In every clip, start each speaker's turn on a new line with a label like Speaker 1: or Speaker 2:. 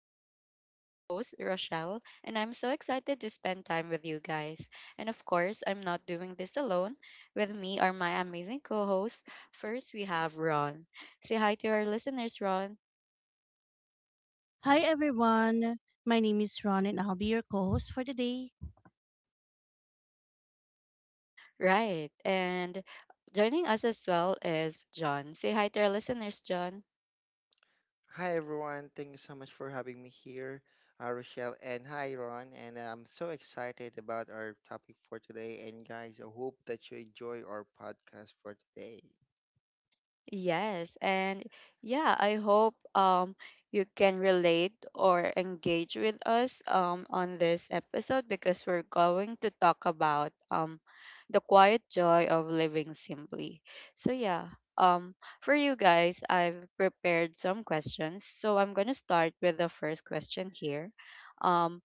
Speaker 1: talks. I'm your host, Rochelle, and I'm so excited to spend time with you guys. And of course, I'm not doing this alone. With me are my amazing co hosts. First, we have Ron. Say hi to our listeners, Ron.
Speaker 2: Hi everyone. My name is Ron and I'll be your co-host for today.
Speaker 1: Right, and joining us as well is John. Say hi to our listeners, John.
Speaker 3: Hi everyone, thank you so much for having me here, Rochelle, and hi Ron. And I'm so excited about our topic for today. And guys, I hope that you enjoy our podcast for today.
Speaker 1: Yes, and yeah, I hope you can relate or engage with us on this episode because we're going to talk about the quiet joy of living simply. So yeah, um for you guys, I've prepared some questions. So I'm going to start with the first question here. Um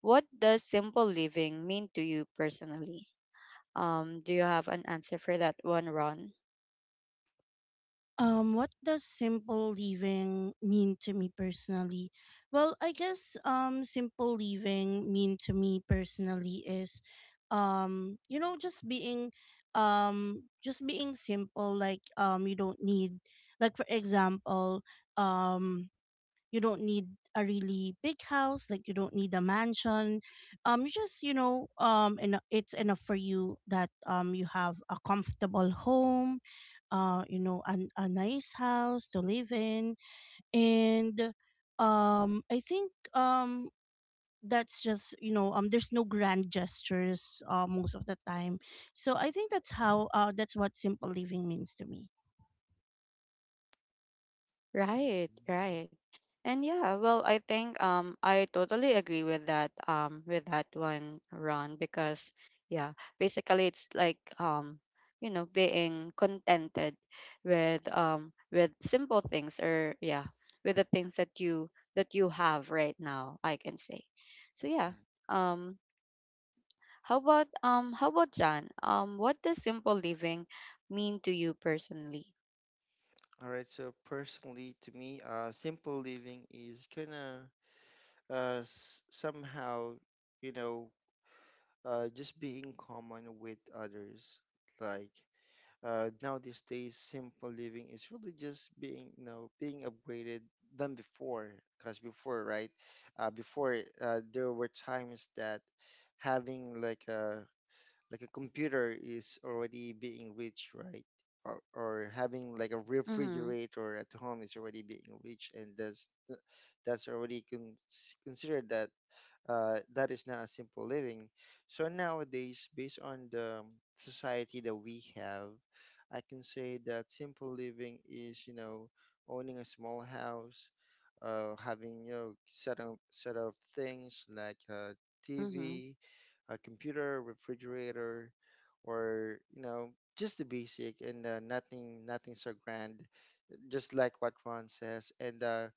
Speaker 1: what does simple living mean to you personally? Do you have an answer for that one, Ron?
Speaker 2: What does simple living mean to me personally? Well, I guess simple living mean to me personally is um you know just being just being simple, like you don't need, like, for example, um you don't need a really big house, like you don't need a mansion. You just you know and It's enough for you that you have a comfortable home, a nice house to live in. And um i think um that's just, you know, there's no grand gestures most of the time. So I think that's how that's what simple living means to me.
Speaker 1: Right,
Speaker 3: Mhm.
Speaker 1: right. And yeah, well, I think I totally agree with that with that one, Ron, because yeah, basically it's like you know being contented with simple things, or yeah, with the things that you have right now, I can say. So yeah, um how about John? What does simple living mean to you personally?
Speaker 3: All right, so personally, to me, simple living is kind of somehow, you know, just being common with others. Like, now these days simple living is really just being you know being upgraded than before because before, right? Before there were times that having like a computer is already being rich, right? Or having like a
Speaker 1: Mhm.
Speaker 3: refrigerator at home is already being rich and that's already considered that that is not a simple living. So nowadays, based on the society that we have, I can say that simple living is, you know, owning a small house, having, you know, set of things like a
Speaker 1: Mhm.
Speaker 3: TV, a computer, refrigerator, or you know, just the basic and nothing so grand. Just like what Ron says, and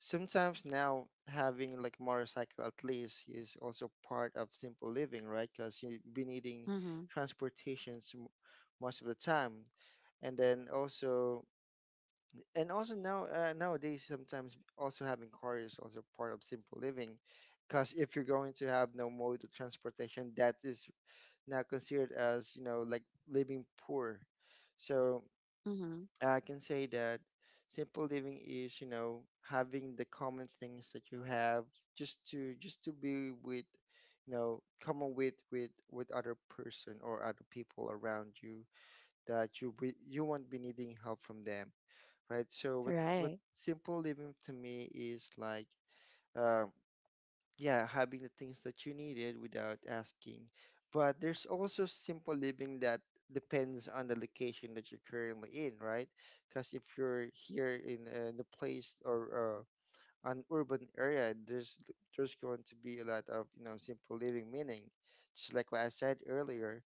Speaker 3: sometimes now having like motorcycle at least is also part of simple living, right? Because you be needing
Speaker 1: Mhm.
Speaker 3: transportations, most of the time, and then also and also nowadays sometimes also having car is also part of simple living. Because if you're going to have no mode of transportation, that is now considered as you know like living poor. So
Speaker 1: Mhm.
Speaker 3: I can say that simple living is, you know, having the common things that you have just to be with, you know, common with with other person or other people around you that you won't be needing help from them, right? So what
Speaker 1: Right.
Speaker 3: simple living to me is like. Um, yeah, having the things that you needed without asking. But there's also simple living that depends on the location that you're currently in, right? Because if you're here in place or an urban area, there's going to be a lot of you know simple living meaning, just like what I said earlier.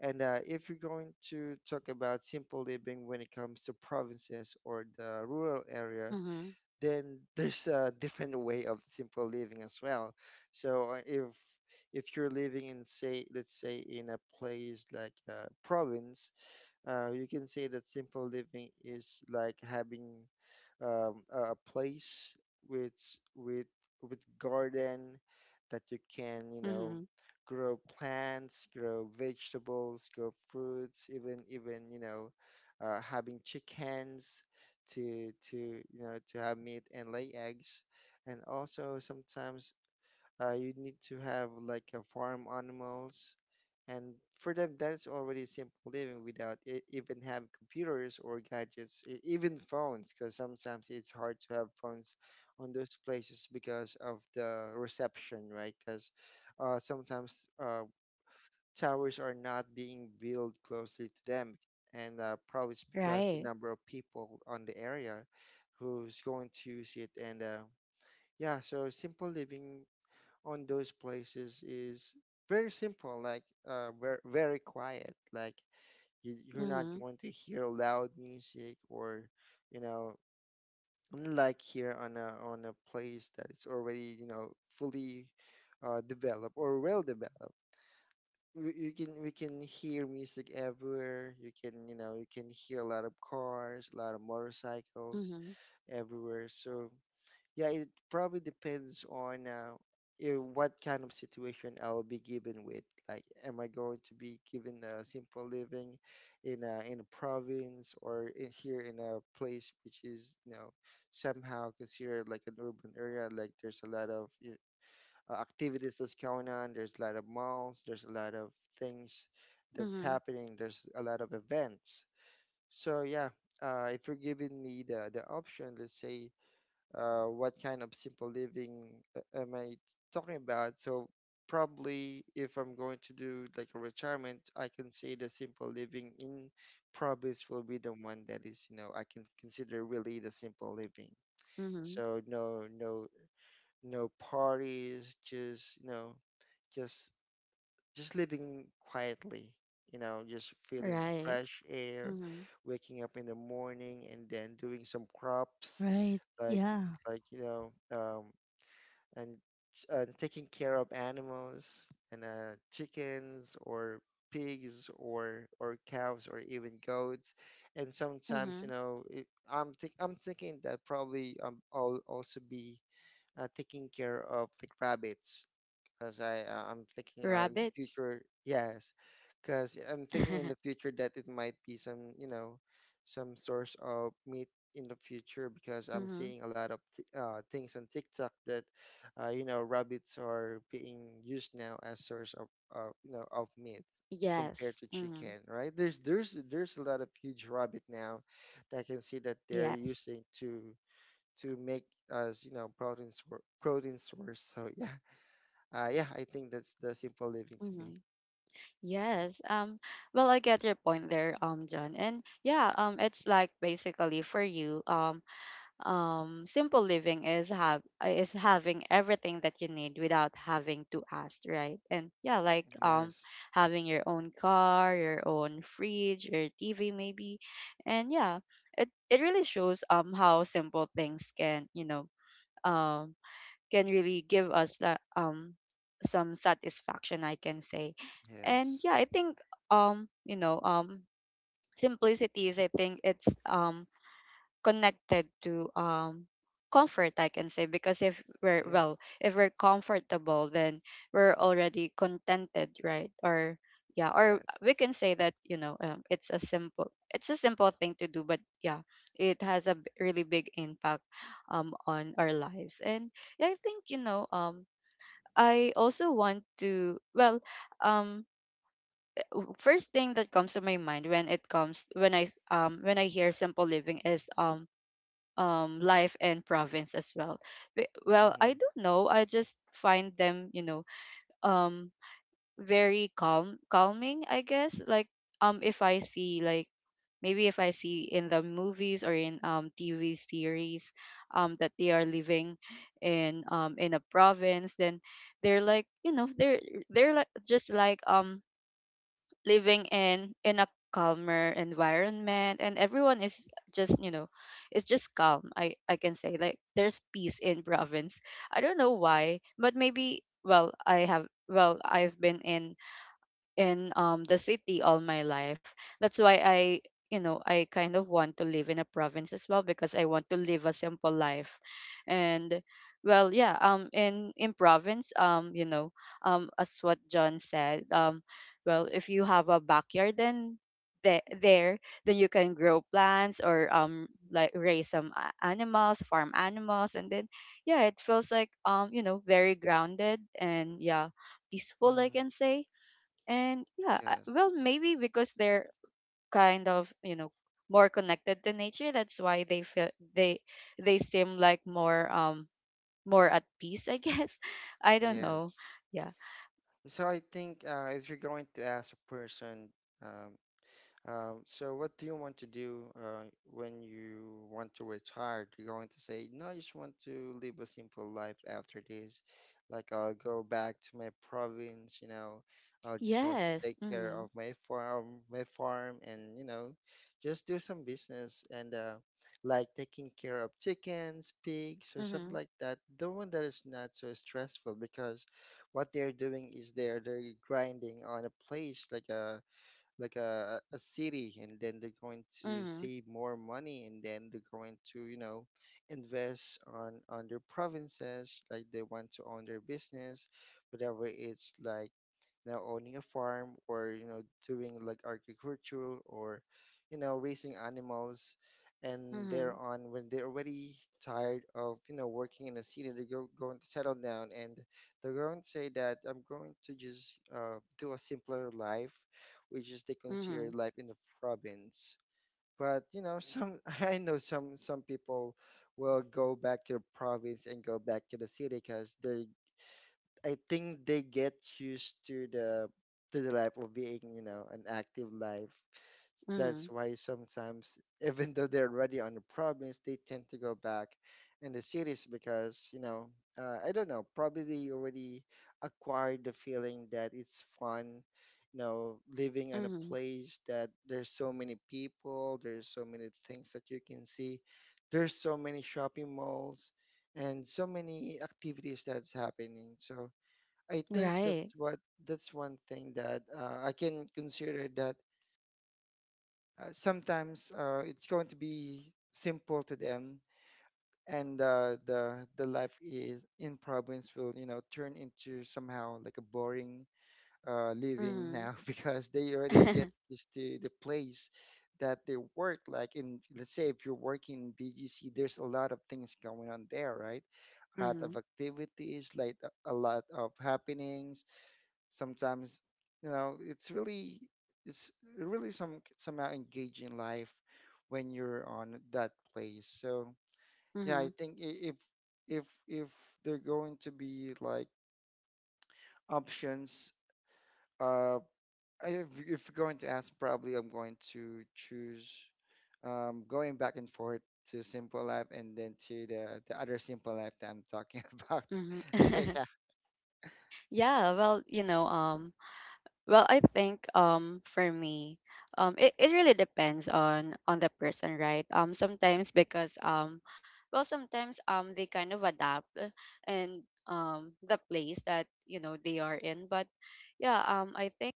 Speaker 3: And if you're going to talk about simple living when it comes to provinces or the rural area,
Speaker 1: Mhm.
Speaker 3: then there's a different way of simple living as well. So if you're living in, say, let's say in a place like a province, you can say that simple living is like having a place with with garden that you can you know
Speaker 1: Mhm.
Speaker 3: grow plants, grow vegetables, grow fruits, even you know having chickens to you know to have meat and lay eggs, and also sometimes you need to have like a farm animals and for them that's already simple living without even having computers or gadgets, even phones because sometimes it's hard to have phones on those places because of the reception, right? Because sometimes towers are not being built closely to them and probably it's because the
Speaker 1: Right.
Speaker 3: number of people on the area who's going to use it . And yeah, so simple living on those places is very simple, like very, very quiet. Like you, you're not
Speaker 1: Mhm.
Speaker 3: going to hear loud music or, you know, unlike here on a place that it's already you know fully developed or well developed. You can we can hear music everywhere. You can you know you can hear a lot of cars, a lot of motorcycles
Speaker 1: Mhm.
Speaker 3: everywhere. So yeah, it probably depends on what kind of situation I will be given with. Like, am I going to be given a simple living in a province or in, here in a place which is, you know, somehow considered like an urban area? Like, there's a lot of you activities that's going on. There's a lot of malls. There's a lot of things that's
Speaker 1: Mhm.
Speaker 3: happening. There's a lot of events. So if you're giving me the option, let's say what kind of simple living am I talking about? So probably if I'm going to do like a retirement, I can say the simple living in province will be the one that is, you know, I can consider really the simple living.
Speaker 1: Mhm.
Speaker 3: So no, no, no parties, just, you know, just, just living quietly, you know, just feeling the
Speaker 1: Right.
Speaker 3: fresh air,
Speaker 1: Mhm.
Speaker 3: waking up in the morning and then doing some crops
Speaker 2: Right,
Speaker 3: like
Speaker 2: yeah.
Speaker 3: you know and taking care of animals and chickens or pigs or cows or even goats, and sometimes you
Speaker 1: Mhm.
Speaker 3: know it, I'm thinking that probably I'll also be taking care of like rabbits because I'm thinking in the
Speaker 1: Rabbits.
Speaker 3: future. Yes, because I'm thinking in the future that it might be some you know some source of meat in the future because I'm
Speaker 1: Mhm.
Speaker 3: seeing a lot of t things on TikTok that you know rabbits are being used now as source of you know of meat. Compared
Speaker 1: Yes.
Speaker 3: to
Speaker 1: Mhm.
Speaker 3: chicken, right? There's a lot of huge rabbit now that I can see that they're
Speaker 1: Yes.
Speaker 3: using to make us you know protein sour protein source, so yeah, yeah, I think that's the simple living to me.
Speaker 1: Mhm. Yes. Well, I get your point there, John. And yeah, it's like basically for you simple living is have is having everything that you need without having to ask, right? And yeah, like
Speaker 3: Yes,
Speaker 1: having your own car, your own fridge, your tv maybe, and yeah, it really shows how simple things can, you know, um can really give us some satisfaction, I can say. And
Speaker 3: yes,
Speaker 1: yeah, I think you know simplicity is, I think it's connected to comfort, I can say, because if we're,
Speaker 3: yes,
Speaker 1: well, if we're comfortable, then we're already contented, right? or Yeah, or
Speaker 3: yes.
Speaker 1: we can say that, you know, it's a simple, it's a simple thing to do, but yeah, it has a really big impact on our lives. And yeah, I think, you know, I also want to, well um first thing that comes to my mind when it comes when I hear simple living is life and province as well. Well,
Speaker 3: Mm-hmm.
Speaker 1: I don't know, I just find them, you know, um very calm, calming, I guess. Like, if I see, like, maybe if I see in the movies or in tv series, that they are living in a province, then they're like, you know, they're like, just like, living in a calmer environment, and everyone is just, you know, it's just calm, I can say, like, there's peace in province. I don't know why, but maybe, well, I have well I've been in the city all my life. That's why I, you know, I kind of want to live in a province as well, because I want to live a simple life. And well, yeah, in province, you know, as what John said, well, if you have a backyard, then the- there then you can grow plants, or like raise some animals, farm animals, and then yeah, it feels like, you know, very grounded, and yeah, peaceful, I can
Speaker 3: Mm-hmm.
Speaker 1: say. And yeah,
Speaker 3: Yes,
Speaker 1: well, maybe because they're kind of, you know, more connected to nature, that's why they feel, they they seem like more more at peace, I guess. I don't know.
Speaker 3: yes.
Speaker 1: Yeah.
Speaker 3: So I think if you're going to ask a person, um, so what do you want to do when you want to retire? You're going to say, no, I just want to live a simple life after this. Like I'll go back to my province, you know, I'll just going to
Speaker 1: Yes.
Speaker 3: take care of
Speaker 1: Mhm.
Speaker 3: my farm, and you know, just do some business and like taking care of chickens, pigs, or something
Speaker 1: Mhm.
Speaker 3: like that. The one that is not so stressful because what they're doing is they're grinding on a place like a city and then they're going to
Speaker 1: Mhm.
Speaker 3: save more money and then they're going to you know invest on their provinces like they want to own their business whatever it's like now owning a farm or you know doing like agricultural or you know raising animals and they're
Speaker 1: Mhm.
Speaker 3: on when they're already tired of you know working in a city they're going to settle down and they're going to say that I'm going to just do a simpler life which is they consider
Speaker 1: Mhm.
Speaker 3: life in the province but you know some I know some people will go back to the province and go back to the city because they're I think they get used to the life of being, you know, an active life. That's
Speaker 1: Mhm.
Speaker 3: why sometimes, even though they're already on the province, they tend to go back in the cities because, you know, I don't know, probably they already acquired the feeling that it's fun, you know, living in a
Speaker 1: Mhm.
Speaker 3: place that there's so many people, there's so many things that you can see, there's so many shopping malls, and so many activities that's happening. So I think
Speaker 1: Right.
Speaker 3: that's what, that's one thing that I can consider that sometimes it's going to be simple to them, and the life is in province will you know turn into somehow like a boring living
Speaker 1: Mhm.
Speaker 3: now because they already get used to the place that they work. Like in, let's say if you're working in BGC, there's a lot of things going on there, right? A lot
Speaker 1: Mhm.
Speaker 3: of activities, like a lot of happenings sometimes you know it's really somehow engaging life when you're on that place, so yeah, I
Speaker 1: Mhm.
Speaker 3: think, if they're going to be like options, uh if you're going to ask, probably I'm going to choose going back and forth to simple life and then to the other simple life that I'm talking about,
Speaker 1: Mhm.
Speaker 3: so yeah.
Speaker 1: Yeah, well, you know, well, I think for me, it, it really depends on the person, right? Sometimes, because well, sometimes they kind of adapt, and the place that, you know, they are in. But yeah,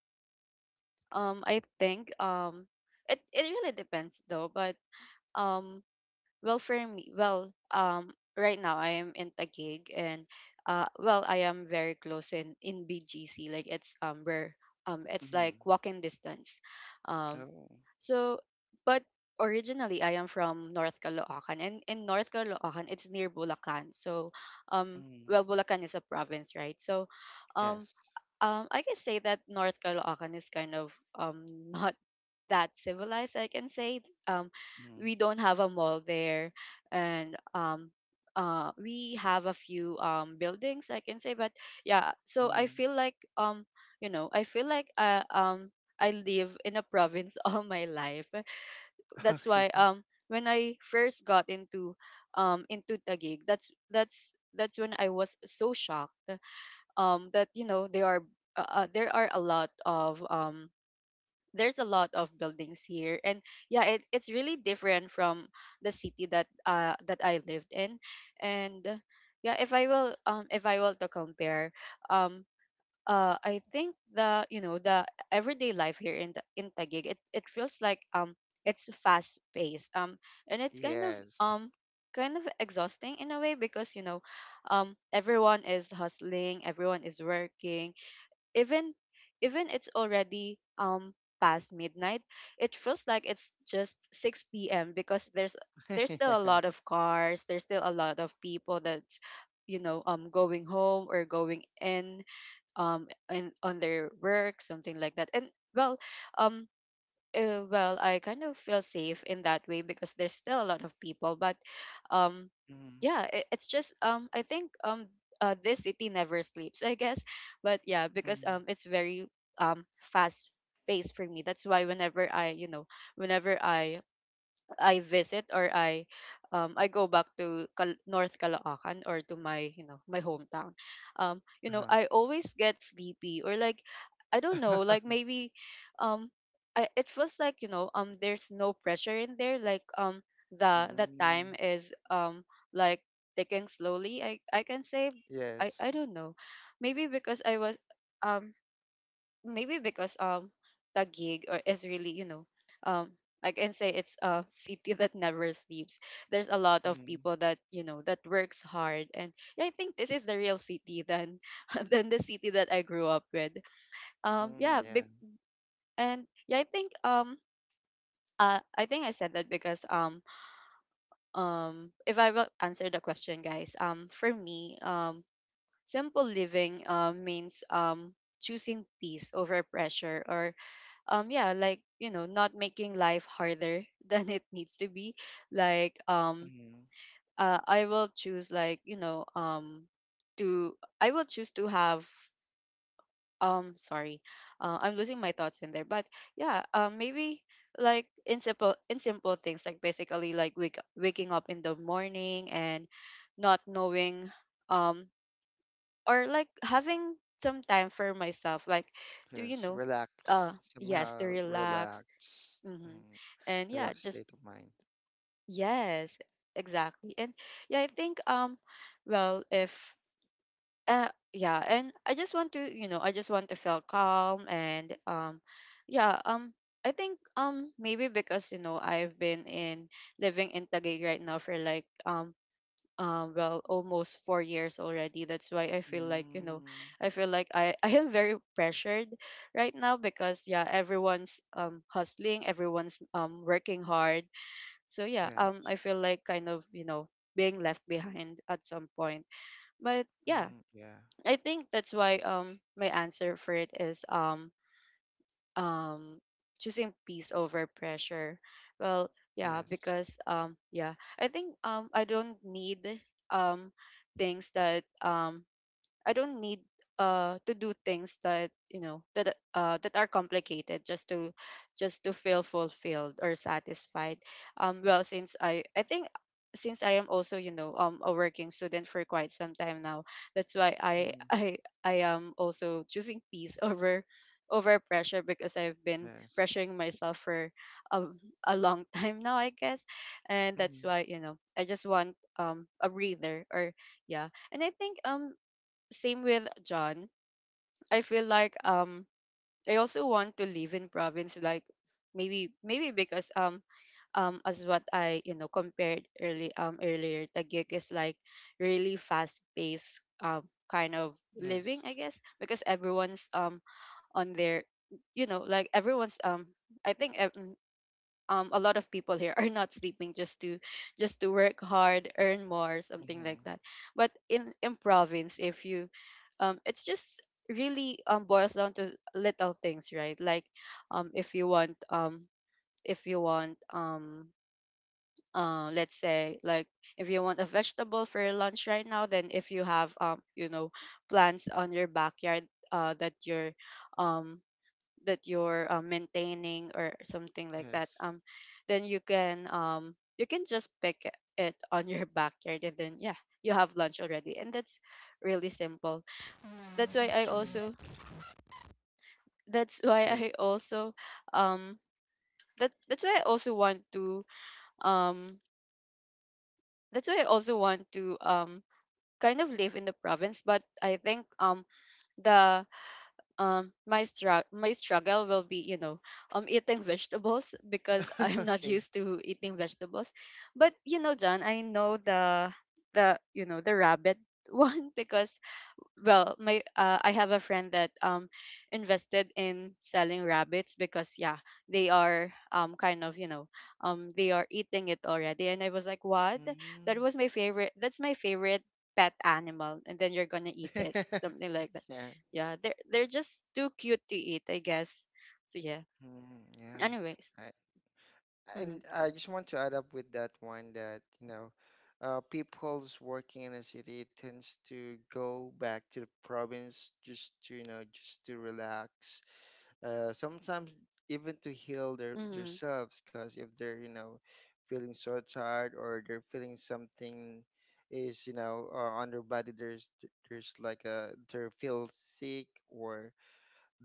Speaker 1: I think it, it really depends, though, but um well, for me, well, right now I am in Taguig, and well, I am very close in BGC. Like, it's where it's
Speaker 3: Hmm.
Speaker 1: like walking distance. Um,
Speaker 3: Oh.
Speaker 1: so but originally I am from North Caloocan, and in North Caloocan it's near Bulacan. So
Speaker 3: Mhm.
Speaker 1: well, Bulacan is a province, right? So um.
Speaker 3: Yes.
Speaker 1: I can say that North Caloocan is kind of not that civilized, I can say. um we don't have a mall there, and we have a few buildings, I can say, but yeah, so I
Speaker 3: Hmm.
Speaker 1: feel like, you know, I feel like I live in a province all my life. That's
Speaker 3: Okay.
Speaker 1: why when I first got into Taguig, that's when I was so shocked, that, you know, there are a lot of there's a lot of buildings here, and yeah, it's really different from the city that that I lived in. And yeah, if I will if I will to compare, um I think the, you know, the everyday life here in the in Taguig, it feels like, it's fast paced, and it's kind of,
Speaker 3: Yes.
Speaker 1: kind of exhausting in a way, because, you know, everyone is hustling, everyone is working, even it's already past midnight. It feels like it's just 6 p.m., because there's, still
Speaker 3: Yeah.
Speaker 1: a lot of cars, there's still a lot of people that's, you know, going home or going in on their work, something like that. And well, um well, I kind of feel safe in that way, because there's still a lot of people, but um,
Speaker 3: Mm,
Speaker 1: yeah, it's just, I think, this city never sleeps, I guess, but yeah, because
Speaker 3: mm,
Speaker 1: it's very um fast paced for me. That's why whenever I, you know, whenever I visit, or I go back to North Caloocan, or to my, you know, my hometown, you know,
Speaker 3: uh-huh.
Speaker 1: I always get sleepy, or like, I don't know, like, maybe um it feels like, you know, there's no pressure in there, like the
Speaker 3: Mm,
Speaker 1: time is like ticking slowly, I can say. I
Speaker 3: yes.
Speaker 1: I don't know, maybe because I was um maybe because Taguig or is really, you know, um I can say it's a city that never sleeps. There's a lot of
Speaker 3: Mm,
Speaker 1: people that, you know, that works hard. And yeah, I think this is the real city than than the city that I grew up with.
Speaker 3: mm,
Speaker 1: Yeah,
Speaker 3: yeah.
Speaker 1: big, and yeah, I think I think I said that because if I will answer the question, guys, for me simple living means choosing peace over pressure, or yeah, like, you know, not making life harder than it needs to be. Like
Speaker 3: Mm,
Speaker 1: I will choose, like, you know, to I will choose to have sorry, I'm losing my thoughts in there, but yeah, maybe like in simple, in simple things, like basically like waking up in the morning, and not knowing um or like having some time for myself, like to, you
Speaker 3: yes.
Speaker 1: know, uh
Speaker 3: Relax.
Speaker 1: yes, to
Speaker 3: Somehow
Speaker 1: relax.
Speaker 3: relax.
Speaker 1: Mm-hmm.
Speaker 3: Mm,
Speaker 1: And yeah,
Speaker 3: relax
Speaker 1: just
Speaker 3: state of mind.
Speaker 1: yes, exactly. And yeah, I think well, if uh yeah, and I just want to, you know, I just want to feel calm, and yeah, I think maybe because, you know, I've been in living in Taguig right now for like well, almost 4 years already. That's why I feel like, you know,
Speaker 3: Mm,
Speaker 1: I feel like I I am very pressured right now, because yeah, everyone's hustling, everyone's working hard. So yeah,
Speaker 3: yeah.
Speaker 1: I feel like, kind of, you know, being left behind at some point, but yeah,
Speaker 3: Mm, yeah.
Speaker 1: I think that's why my answer for it is um choosing peace over pressure. Well, yeah,
Speaker 3: Yes.
Speaker 1: because yeah, I think I don't need um things that I don't need to do things that, you know, that that are complicated just to feel fulfilled or satisfied. Well, since I think, since I am also, you know, a working student for quite some time now, that's why I
Speaker 3: Mm,
Speaker 1: I am also choosing peace over over pressure, because I've been
Speaker 3: yes.
Speaker 1: pressuring myself for a, a long time now, I guess. And that's
Speaker 3: Mm,
Speaker 1: why, you know, I just want a breather, or yeah, and I think same with John. I feel like I also want to live in province like maybe because as what I compared early earlier Taguig is like really fast paced, kind of living
Speaker 3: yes.
Speaker 1: I guess because everyone's on their, you know, like everyone's I think a lot of people here are not sleeping just to work hard, earn more, something
Speaker 3: Mm-hmm.
Speaker 1: like that. But in province, if you it's just really boils down to little things, right? Like um if you want um if you want let's say like if you want a vegetable for your lunch right now, then if you have, you know, plants on your backyard um that you're maintaining or something like that,
Speaker 3: Yes.
Speaker 1: then you can just pick it on your backyard, and then, yeah, you have lunch already, and that's really simple. that's why i
Speaker 3: Mm-hmm.
Speaker 1: also that's why
Speaker 3: Yes.
Speaker 1: i also um that's why I also want to um that's why I also want to kind of live in the province. But I think the my struggle, my struggle will be, you know, eating vegetables because I'm not
Speaker 3: Okay.
Speaker 1: used to eating vegetables. But, you know, John, I know the, you know, the rabbit one, because, well, my I have a friend that invested in selling rabbits because, yeah, they are, kind of, you know, they are eating it already, and I was like, what? That
Speaker 3: Mm.
Speaker 1: was my favorite. That's my favorite pet animal, and then you're gonna eat it, something like that.
Speaker 3: Yeah.
Speaker 1: Yeah, they're just too cute to eat, I guess. So yeah,
Speaker 3: Mm, yeah.
Speaker 1: anyways.
Speaker 3: I,
Speaker 1: Mm-hmm.
Speaker 3: And I just want to add up with that one that, you know, people's working in a city tends to go back to the province just to, you know, just to relax. Sometimes even to heal their
Speaker 1: Mm-hmm.
Speaker 3: themselves, because if they're, you know, feeling so tired or they're feeling something is, you know, on their body, there's like a they feel sick or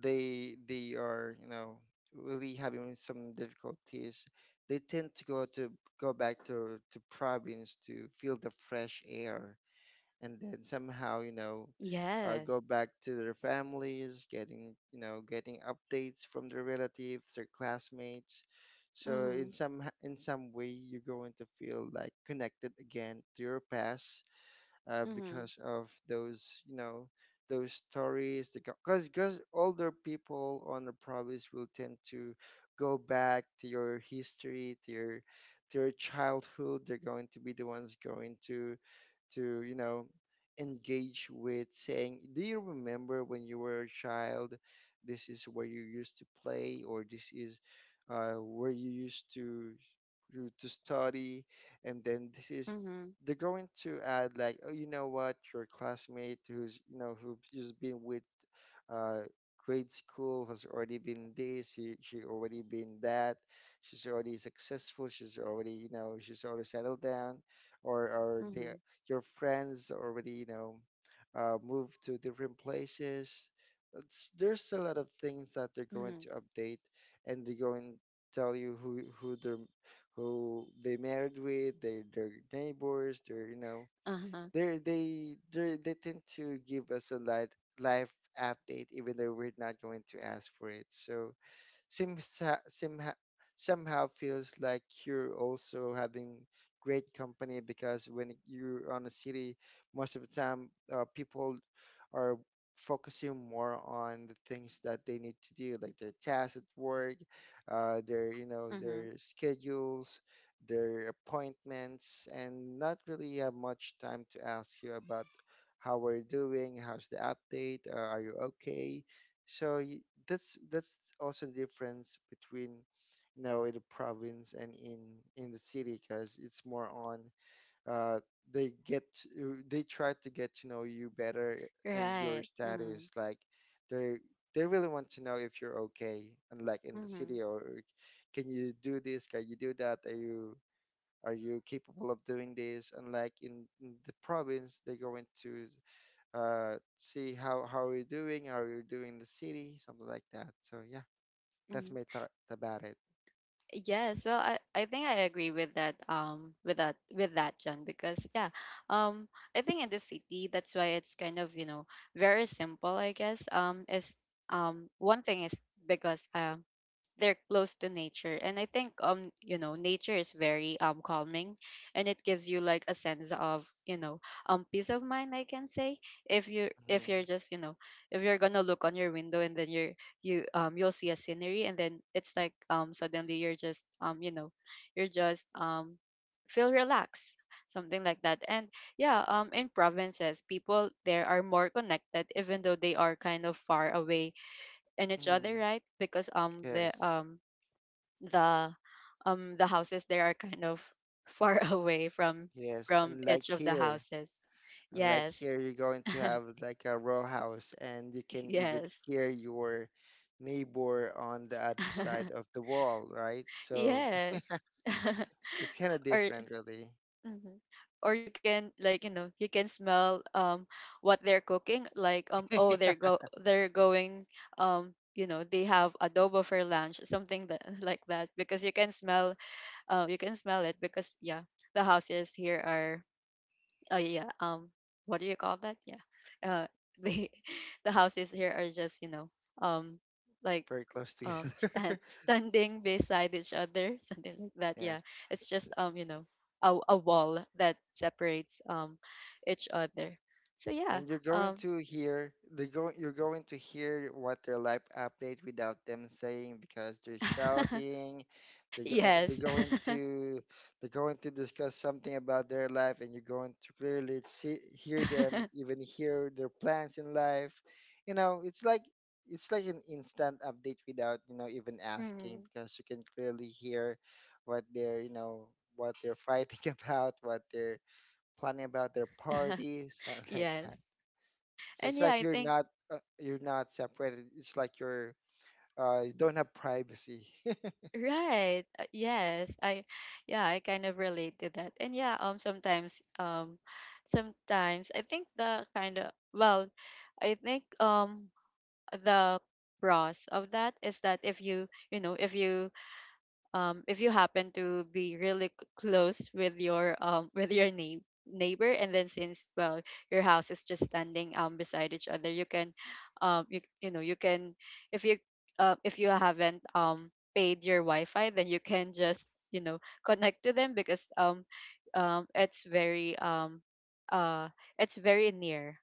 Speaker 3: they are, you know, really having some difficulties. They tend to go back to province to feel the fresh air, and then somehow, you know,
Speaker 1: Yes.
Speaker 3: go back to their families, getting, you know, getting updates from their relatives, their classmates. So
Speaker 1: Mm-hmm.
Speaker 3: in some way you're going to feel like connected again to your past,
Speaker 1: Mm-hmm.
Speaker 3: because of those, you know, those stories. Because older people on the province will tend to go back to your history, to your childhood. They're going to be the ones going to to engage with saying, do you remember when you were a child? This is where you used to play, or this is where you used to to study. And then this is,
Speaker 1: Mm-hmm.
Speaker 3: they're going to add like, oh, you know what, your classmate who's, you know, who's just been with, uh, grade school, has already been this. She already been that. She's already successful. She's already, you know, she's already settled down. Or they,
Speaker 1: Mm-hmm.
Speaker 3: your friends already, you know, move to different places. There's a lot of things that they're going
Speaker 1: Mm-hmm.
Speaker 3: to update, and they're going to tell you who they're who they married with, their neighbors, their, you know,
Speaker 1: Uh-huh.
Speaker 3: they tend to give us a light life update, even though we're not going to ask for it. So simha, simha, somehow feels like you're also having great company, because when you're on a city, most of the time people are focusing more on the things that they need to do, like their tasks at work, their, you know,
Speaker 1: Mm-hmm.
Speaker 3: their schedules, their appointments, and not really have much time to ask you about how we're doing, how's the update, are you okay? So y- that's also the difference between, you know, in the province and in the city, because it's more on, uh, they get to, they try to get to know you better and your
Speaker 1: Right. Mm-hmm.
Speaker 3: status, like they really want to know if you're okay. And like in the
Speaker 1: Mm-hmm.
Speaker 3: city, or can you do this, can you do that, are you capable of doing this. And like in the province, they're going to see how are you doing, how are you doing in the city, something like that. So yeah, that's
Speaker 1: Mm.
Speaker 3: my thought about it.
Speaker 1: Yes, well, I think I agree with that, with that, with that, John, because, yeah, um I think in the city, that's why it's kind of, you know, very simple, I guess. Is one thing is because they're close to nature. And I think, you know, nature is very calming, and it gives you like a sense of, you know, peace of mind, I can say. if you if
Speaker 3: Hmm.
Speaker 1: you're just, you know, if you're gonna look on your window, and then you're you'll see a scenery, and then it's like suddenly you're just, you know, you're just feel relaxed, something like that. And yeah, in provinces, people there are more connected even though they are kind of far away in each
Speaker 3: Hmm.
Speaker 1: other, right? Because
Speaker 3: Yes.
Speaker 1: the the houses there are kind of far away
Speaker 3: Yes.
Speaker 1: from each of the houses.
Speaker 3: And like
Speaker 1: Yes.
Speaker 3: here, you're going to have like a row house, and you can even
Speaker 1: Yes.
Speaker 3: hear your neighbor on the other side of the wall, right? So
Speaker 1: Yes.
Speaker 3: it's kind of
Speaker 1: Or
Speaker 3: different, really.
Speaker 1: mhm. Or you can, like, you know, you can smell what they're cooking, like, oh,
Speaker 3: Yeah.
Speaker 1: they're going, you know, they have adobo for lunch, something that like that, because you can smell, you can smell it, because, yeah, the houses here are, oh yeah, what do you call that? Yeah, uh the the houses here are just, you know, um like,
Speaker 3: Very close
Speaker 1: stand
Speaker 3: together.
Speaker 1: standing beside each other, something like that. Yeah,
Speaker 3: Yes.
Speaker 1: it's just, you know, a wall that separates each other. So yeah.
Speaker 3: And you're going
Speaker 1: um
Speaker 3: to hear, they're going you're going to hear what their life update, without them saying, because they're shouting. They're
Speaker 1: yes.
Speaker 3: going to, they're going to discuss something about their life, and you're going to clearly see hear them, even hear their plans in life. You know, it's like, it's like an instant update without, you know, even asking,
Speaker 1: Mm.
Speaker 3: because you can clearly hear what they're, you know, what they're fighting about, what they're planning about their parties, something like that.
Speaker 1: Yes.
Speaker 3: So
Speaker 1: And
Speaker 3: it's
Speaker 1: yeah,
Speaker 3: like
Speaker 1: I
Speaker 3: you're
Speaker 1: think.
Speaker 3: not, you're not separated. It's like you're, you don't have privacy.
Speaker 1: Right. Yes. I. Yeah, I kind of relate to that. And yeah, sometimes sometimes I think the kind of, well, I think the pros of that is that if you, you know, if you happen to be really close with your neighbor. And then, since, well, your house is just standing, beside each other, you can you, you know, you can, if you if you haven't paid your wi-fi, then you can just, you know, connect to them because um it's very um uh it's very near.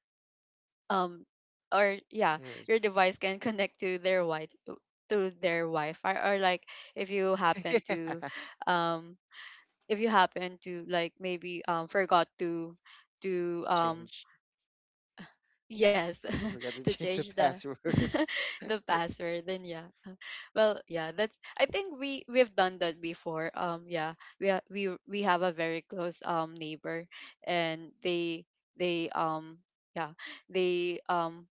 Speaker 1: um or yeah, your
Speaker 3: Yes.
Speaker 1: device can connect to their wi to their wi-fi. Or, like, if you happen to um if you happen to, like, maybe forgot to to um
Speaker 3: Change.
Speaker 1: yes,
Speaker 3: Forgot to
Speaker 1: to
Speaker 3: change the
Speaker 1: change the
Speaker 3: password.
Speaker 1: the password, then, yeah, well, yeah, that's, I think we've done that before, yeah, we have a very close neighbor, and they yeah, they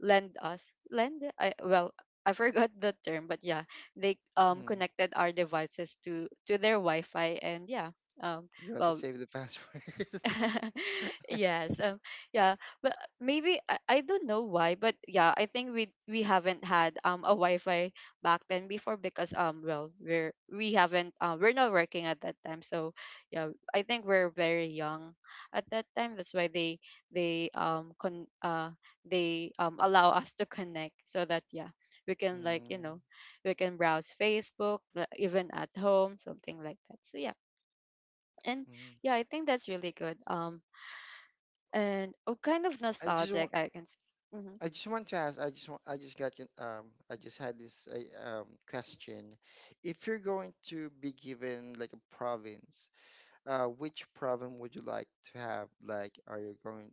Speaker 1: lend us, lend I well, I forgot the term, but, yeah, they
Speaker 3: Mm.
Speaker 1: connected our devices to their wi-fi. And yeah, um
Speaker 3: You have to
Speaker 1: well,
Speaker 3: save the password.
Speaker 1: yes. Yeah. But maybe I don't know why, but, yeah, I think we haven't had a wi-fi back then before, because well, we haven't we're not working at that time. So yeah, I think we're very young at that time. That's why they con they allow us to connect, so that, yeah, we can, like, you
Speaker 3: Mm.
Speaker 1: know, we can browse facebook, even at home, something like that. So yeah. And yeah,
Speaker 3: Mm.
Speaker 1: I think that's really good. And oh, kind of
Speaker 3: I just
Speaker 1: nostalgic,
Speaker 3: want.
Speaker 1: I can say. Hmm.
Speaker 3: I just want to ask. I just want. I just got. An- Um. I just had this question. If you're going to be given like a province, which problem would you like to have? Like, are you going?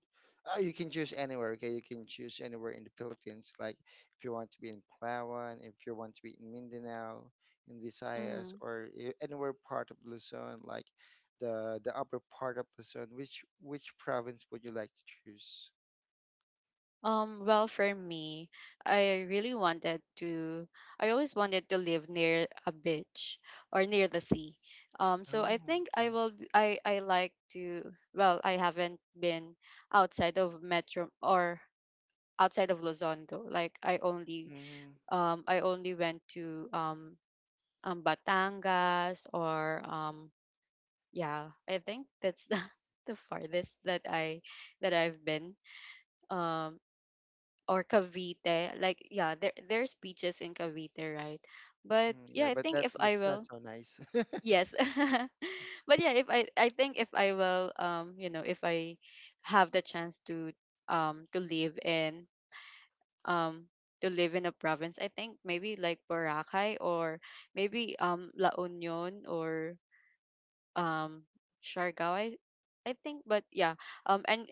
Speaker 3: Oh, you can choose anywhere. Okay, you can choose anywhere in the Philippines. Like, if you want to be in Palawan, if you want to be in Mindanao, in Visayas,
Speaker 1: Hmm.
Speaker 3: or anywhere part of Luzon, like the upper part of Luzon. Which province would you like to choose?
Speaker 1: Well, for me, I really wanted to, I always wanted to live near a beach or near the sea. So
Speaker 3: Oh,
Speaker 1: I think I
Speaker 3: okay.
Speaker 1: will, I like to, well, I haven't been outside of Metro, or outside of Luzon though. Like
Speaker 3: Mm.
Speaker 1: I only went to, Batangas, or, yeah, I think that's the farthest that I that I've been. um or Cavite, like, yeah, there there's beaches in Cavite, right? But
Speaker 3: Mm,
Speaker 1: yeah,
Speaker 3: yeah,
Speaker 1: I
Speaker 3: but
Speaker 1: think if I
Speaker 3: that's not
Speaker 1: will,
Speaker 3: so nice.
Speaker 1: yes. But yeah, if I I think if I will, you know, if I have the chance um to live in um to live in a province, I think maybe like Boracay, or maybe La Union, or um Siargao, I think. But yeah, and,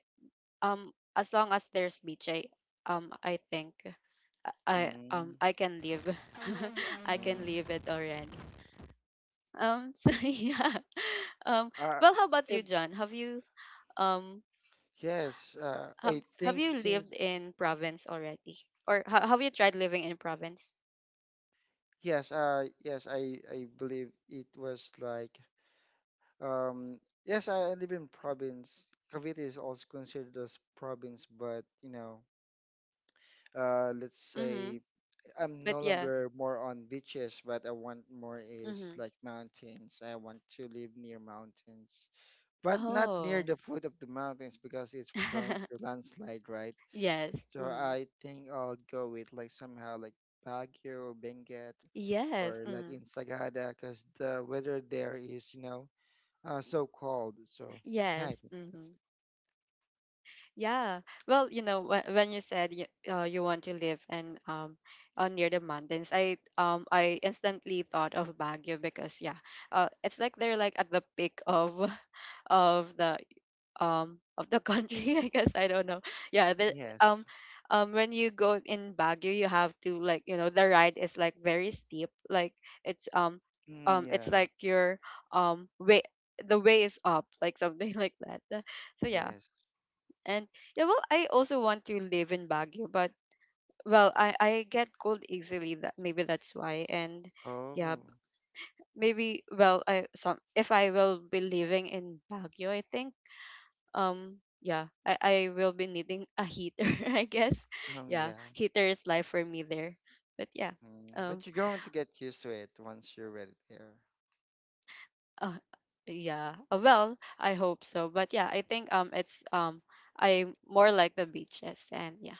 Speaker 1: um, as long as there's beach, I think
Speaker 3: Mm,
Speaker 1: I can live. I can
Speaker 3: mm.
Speaker 1: live it already. So yeah. Um,
Speaker 3: Uh,
Speaker 1: well, how about
Speaker 3: if
Speaker 1: you, John? Um
Speaker 3: Yes,
Speaker 1: have
Speaker 3: I
Speaker 1: have
Speaker 3: think
Speaker 1: you
Speaker 3: since
Speaker 1: lived in province already, or have you tried living in province?
Speaker 3: Yes, yes, I believe it was like, um, yes, I live in province. Cavite is also considered as province, but you know, let's
Speaker 1: Mm-hmm.
Speaker 3: say I'm
Speaker 1: But
Speaker 3: no
Speaker 1: yeah.
Speaker 3: longer more on beaches, but I want more is
Speaker 1: Mm-hmm.
Speaker 3: like mountains. I want to live near mountains, but not near
Speaker 1: Oh.
Speaker 3: the foot of the mountains because it's prone to landslide, right?
Speaker 1: Yes.
Speaker 3: So
Speaker 1: Mm-hmm.
Speaker 3: I think I'll go with like somehow like Baguio or Benguet,
Speaker 1: Yes.
Speaker 3: or like
Speaker 1: Mm-hmm.
Speaker 3: in Sagada, because the weather there is, you know, so cold. So, yeah,
Speaker 1: Yes.
Speaker 3: that's,
Speaker 1: Mm-hmm. Yeah. Well, you know, when you said you, you want to live and, near the mountains, I instantly thought of Baguio because, yeah, it's like they're like at the peak of of the of the country. I guess, I don't know. Yeah. The
Speaker 3: yes.
Speaker 1: um um when you go in Baguio, you have to, like, you know, the ride is like very steep. Like, it's um
Speaker 3: Mm,
Speaker 1: it's
Speaker 3: yeah,
Speaker 1: like your way, the way is up, like something like that. So yeah.
Speaker 3: yes.
Speaker 1: And yeah, well, I also want to live in Baguio, but, well, I get cold easily. That maybe that's why. And yeah,
Speaker 3: Oh,
Speaker 1: maybe, well, I some if I will be living in Baguio, I think yeah, I will be needing a heater, I guess. Yeah,
Speaker 3: yeah.
Speaker 1: heater is life for me there. But yeah,
Speaker 3: Mm.
Speaker 1: um,
Speaker 3: But you're going to get used to it once you're ready there.
Speaker 1: uh, yeah. Well, I hope so. But yeah, I think it's I more like the beaches, and yeah.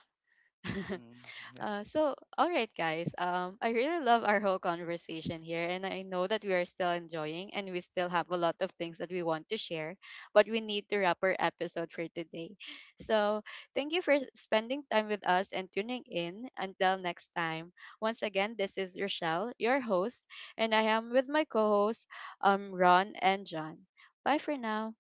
Speaker 3: Mm,
Speaker 1: So, all right, guys. I really love our whole conversation here, and I know that we are still enjoying, and we still have a lot of things that we want to share, but we need to wrap our episode for today. So, thank you for spending time with us and tuning in. Until next time, once again, this is Rochelle, your host, and I am with my co-hosts, Ron and John. Bye for now.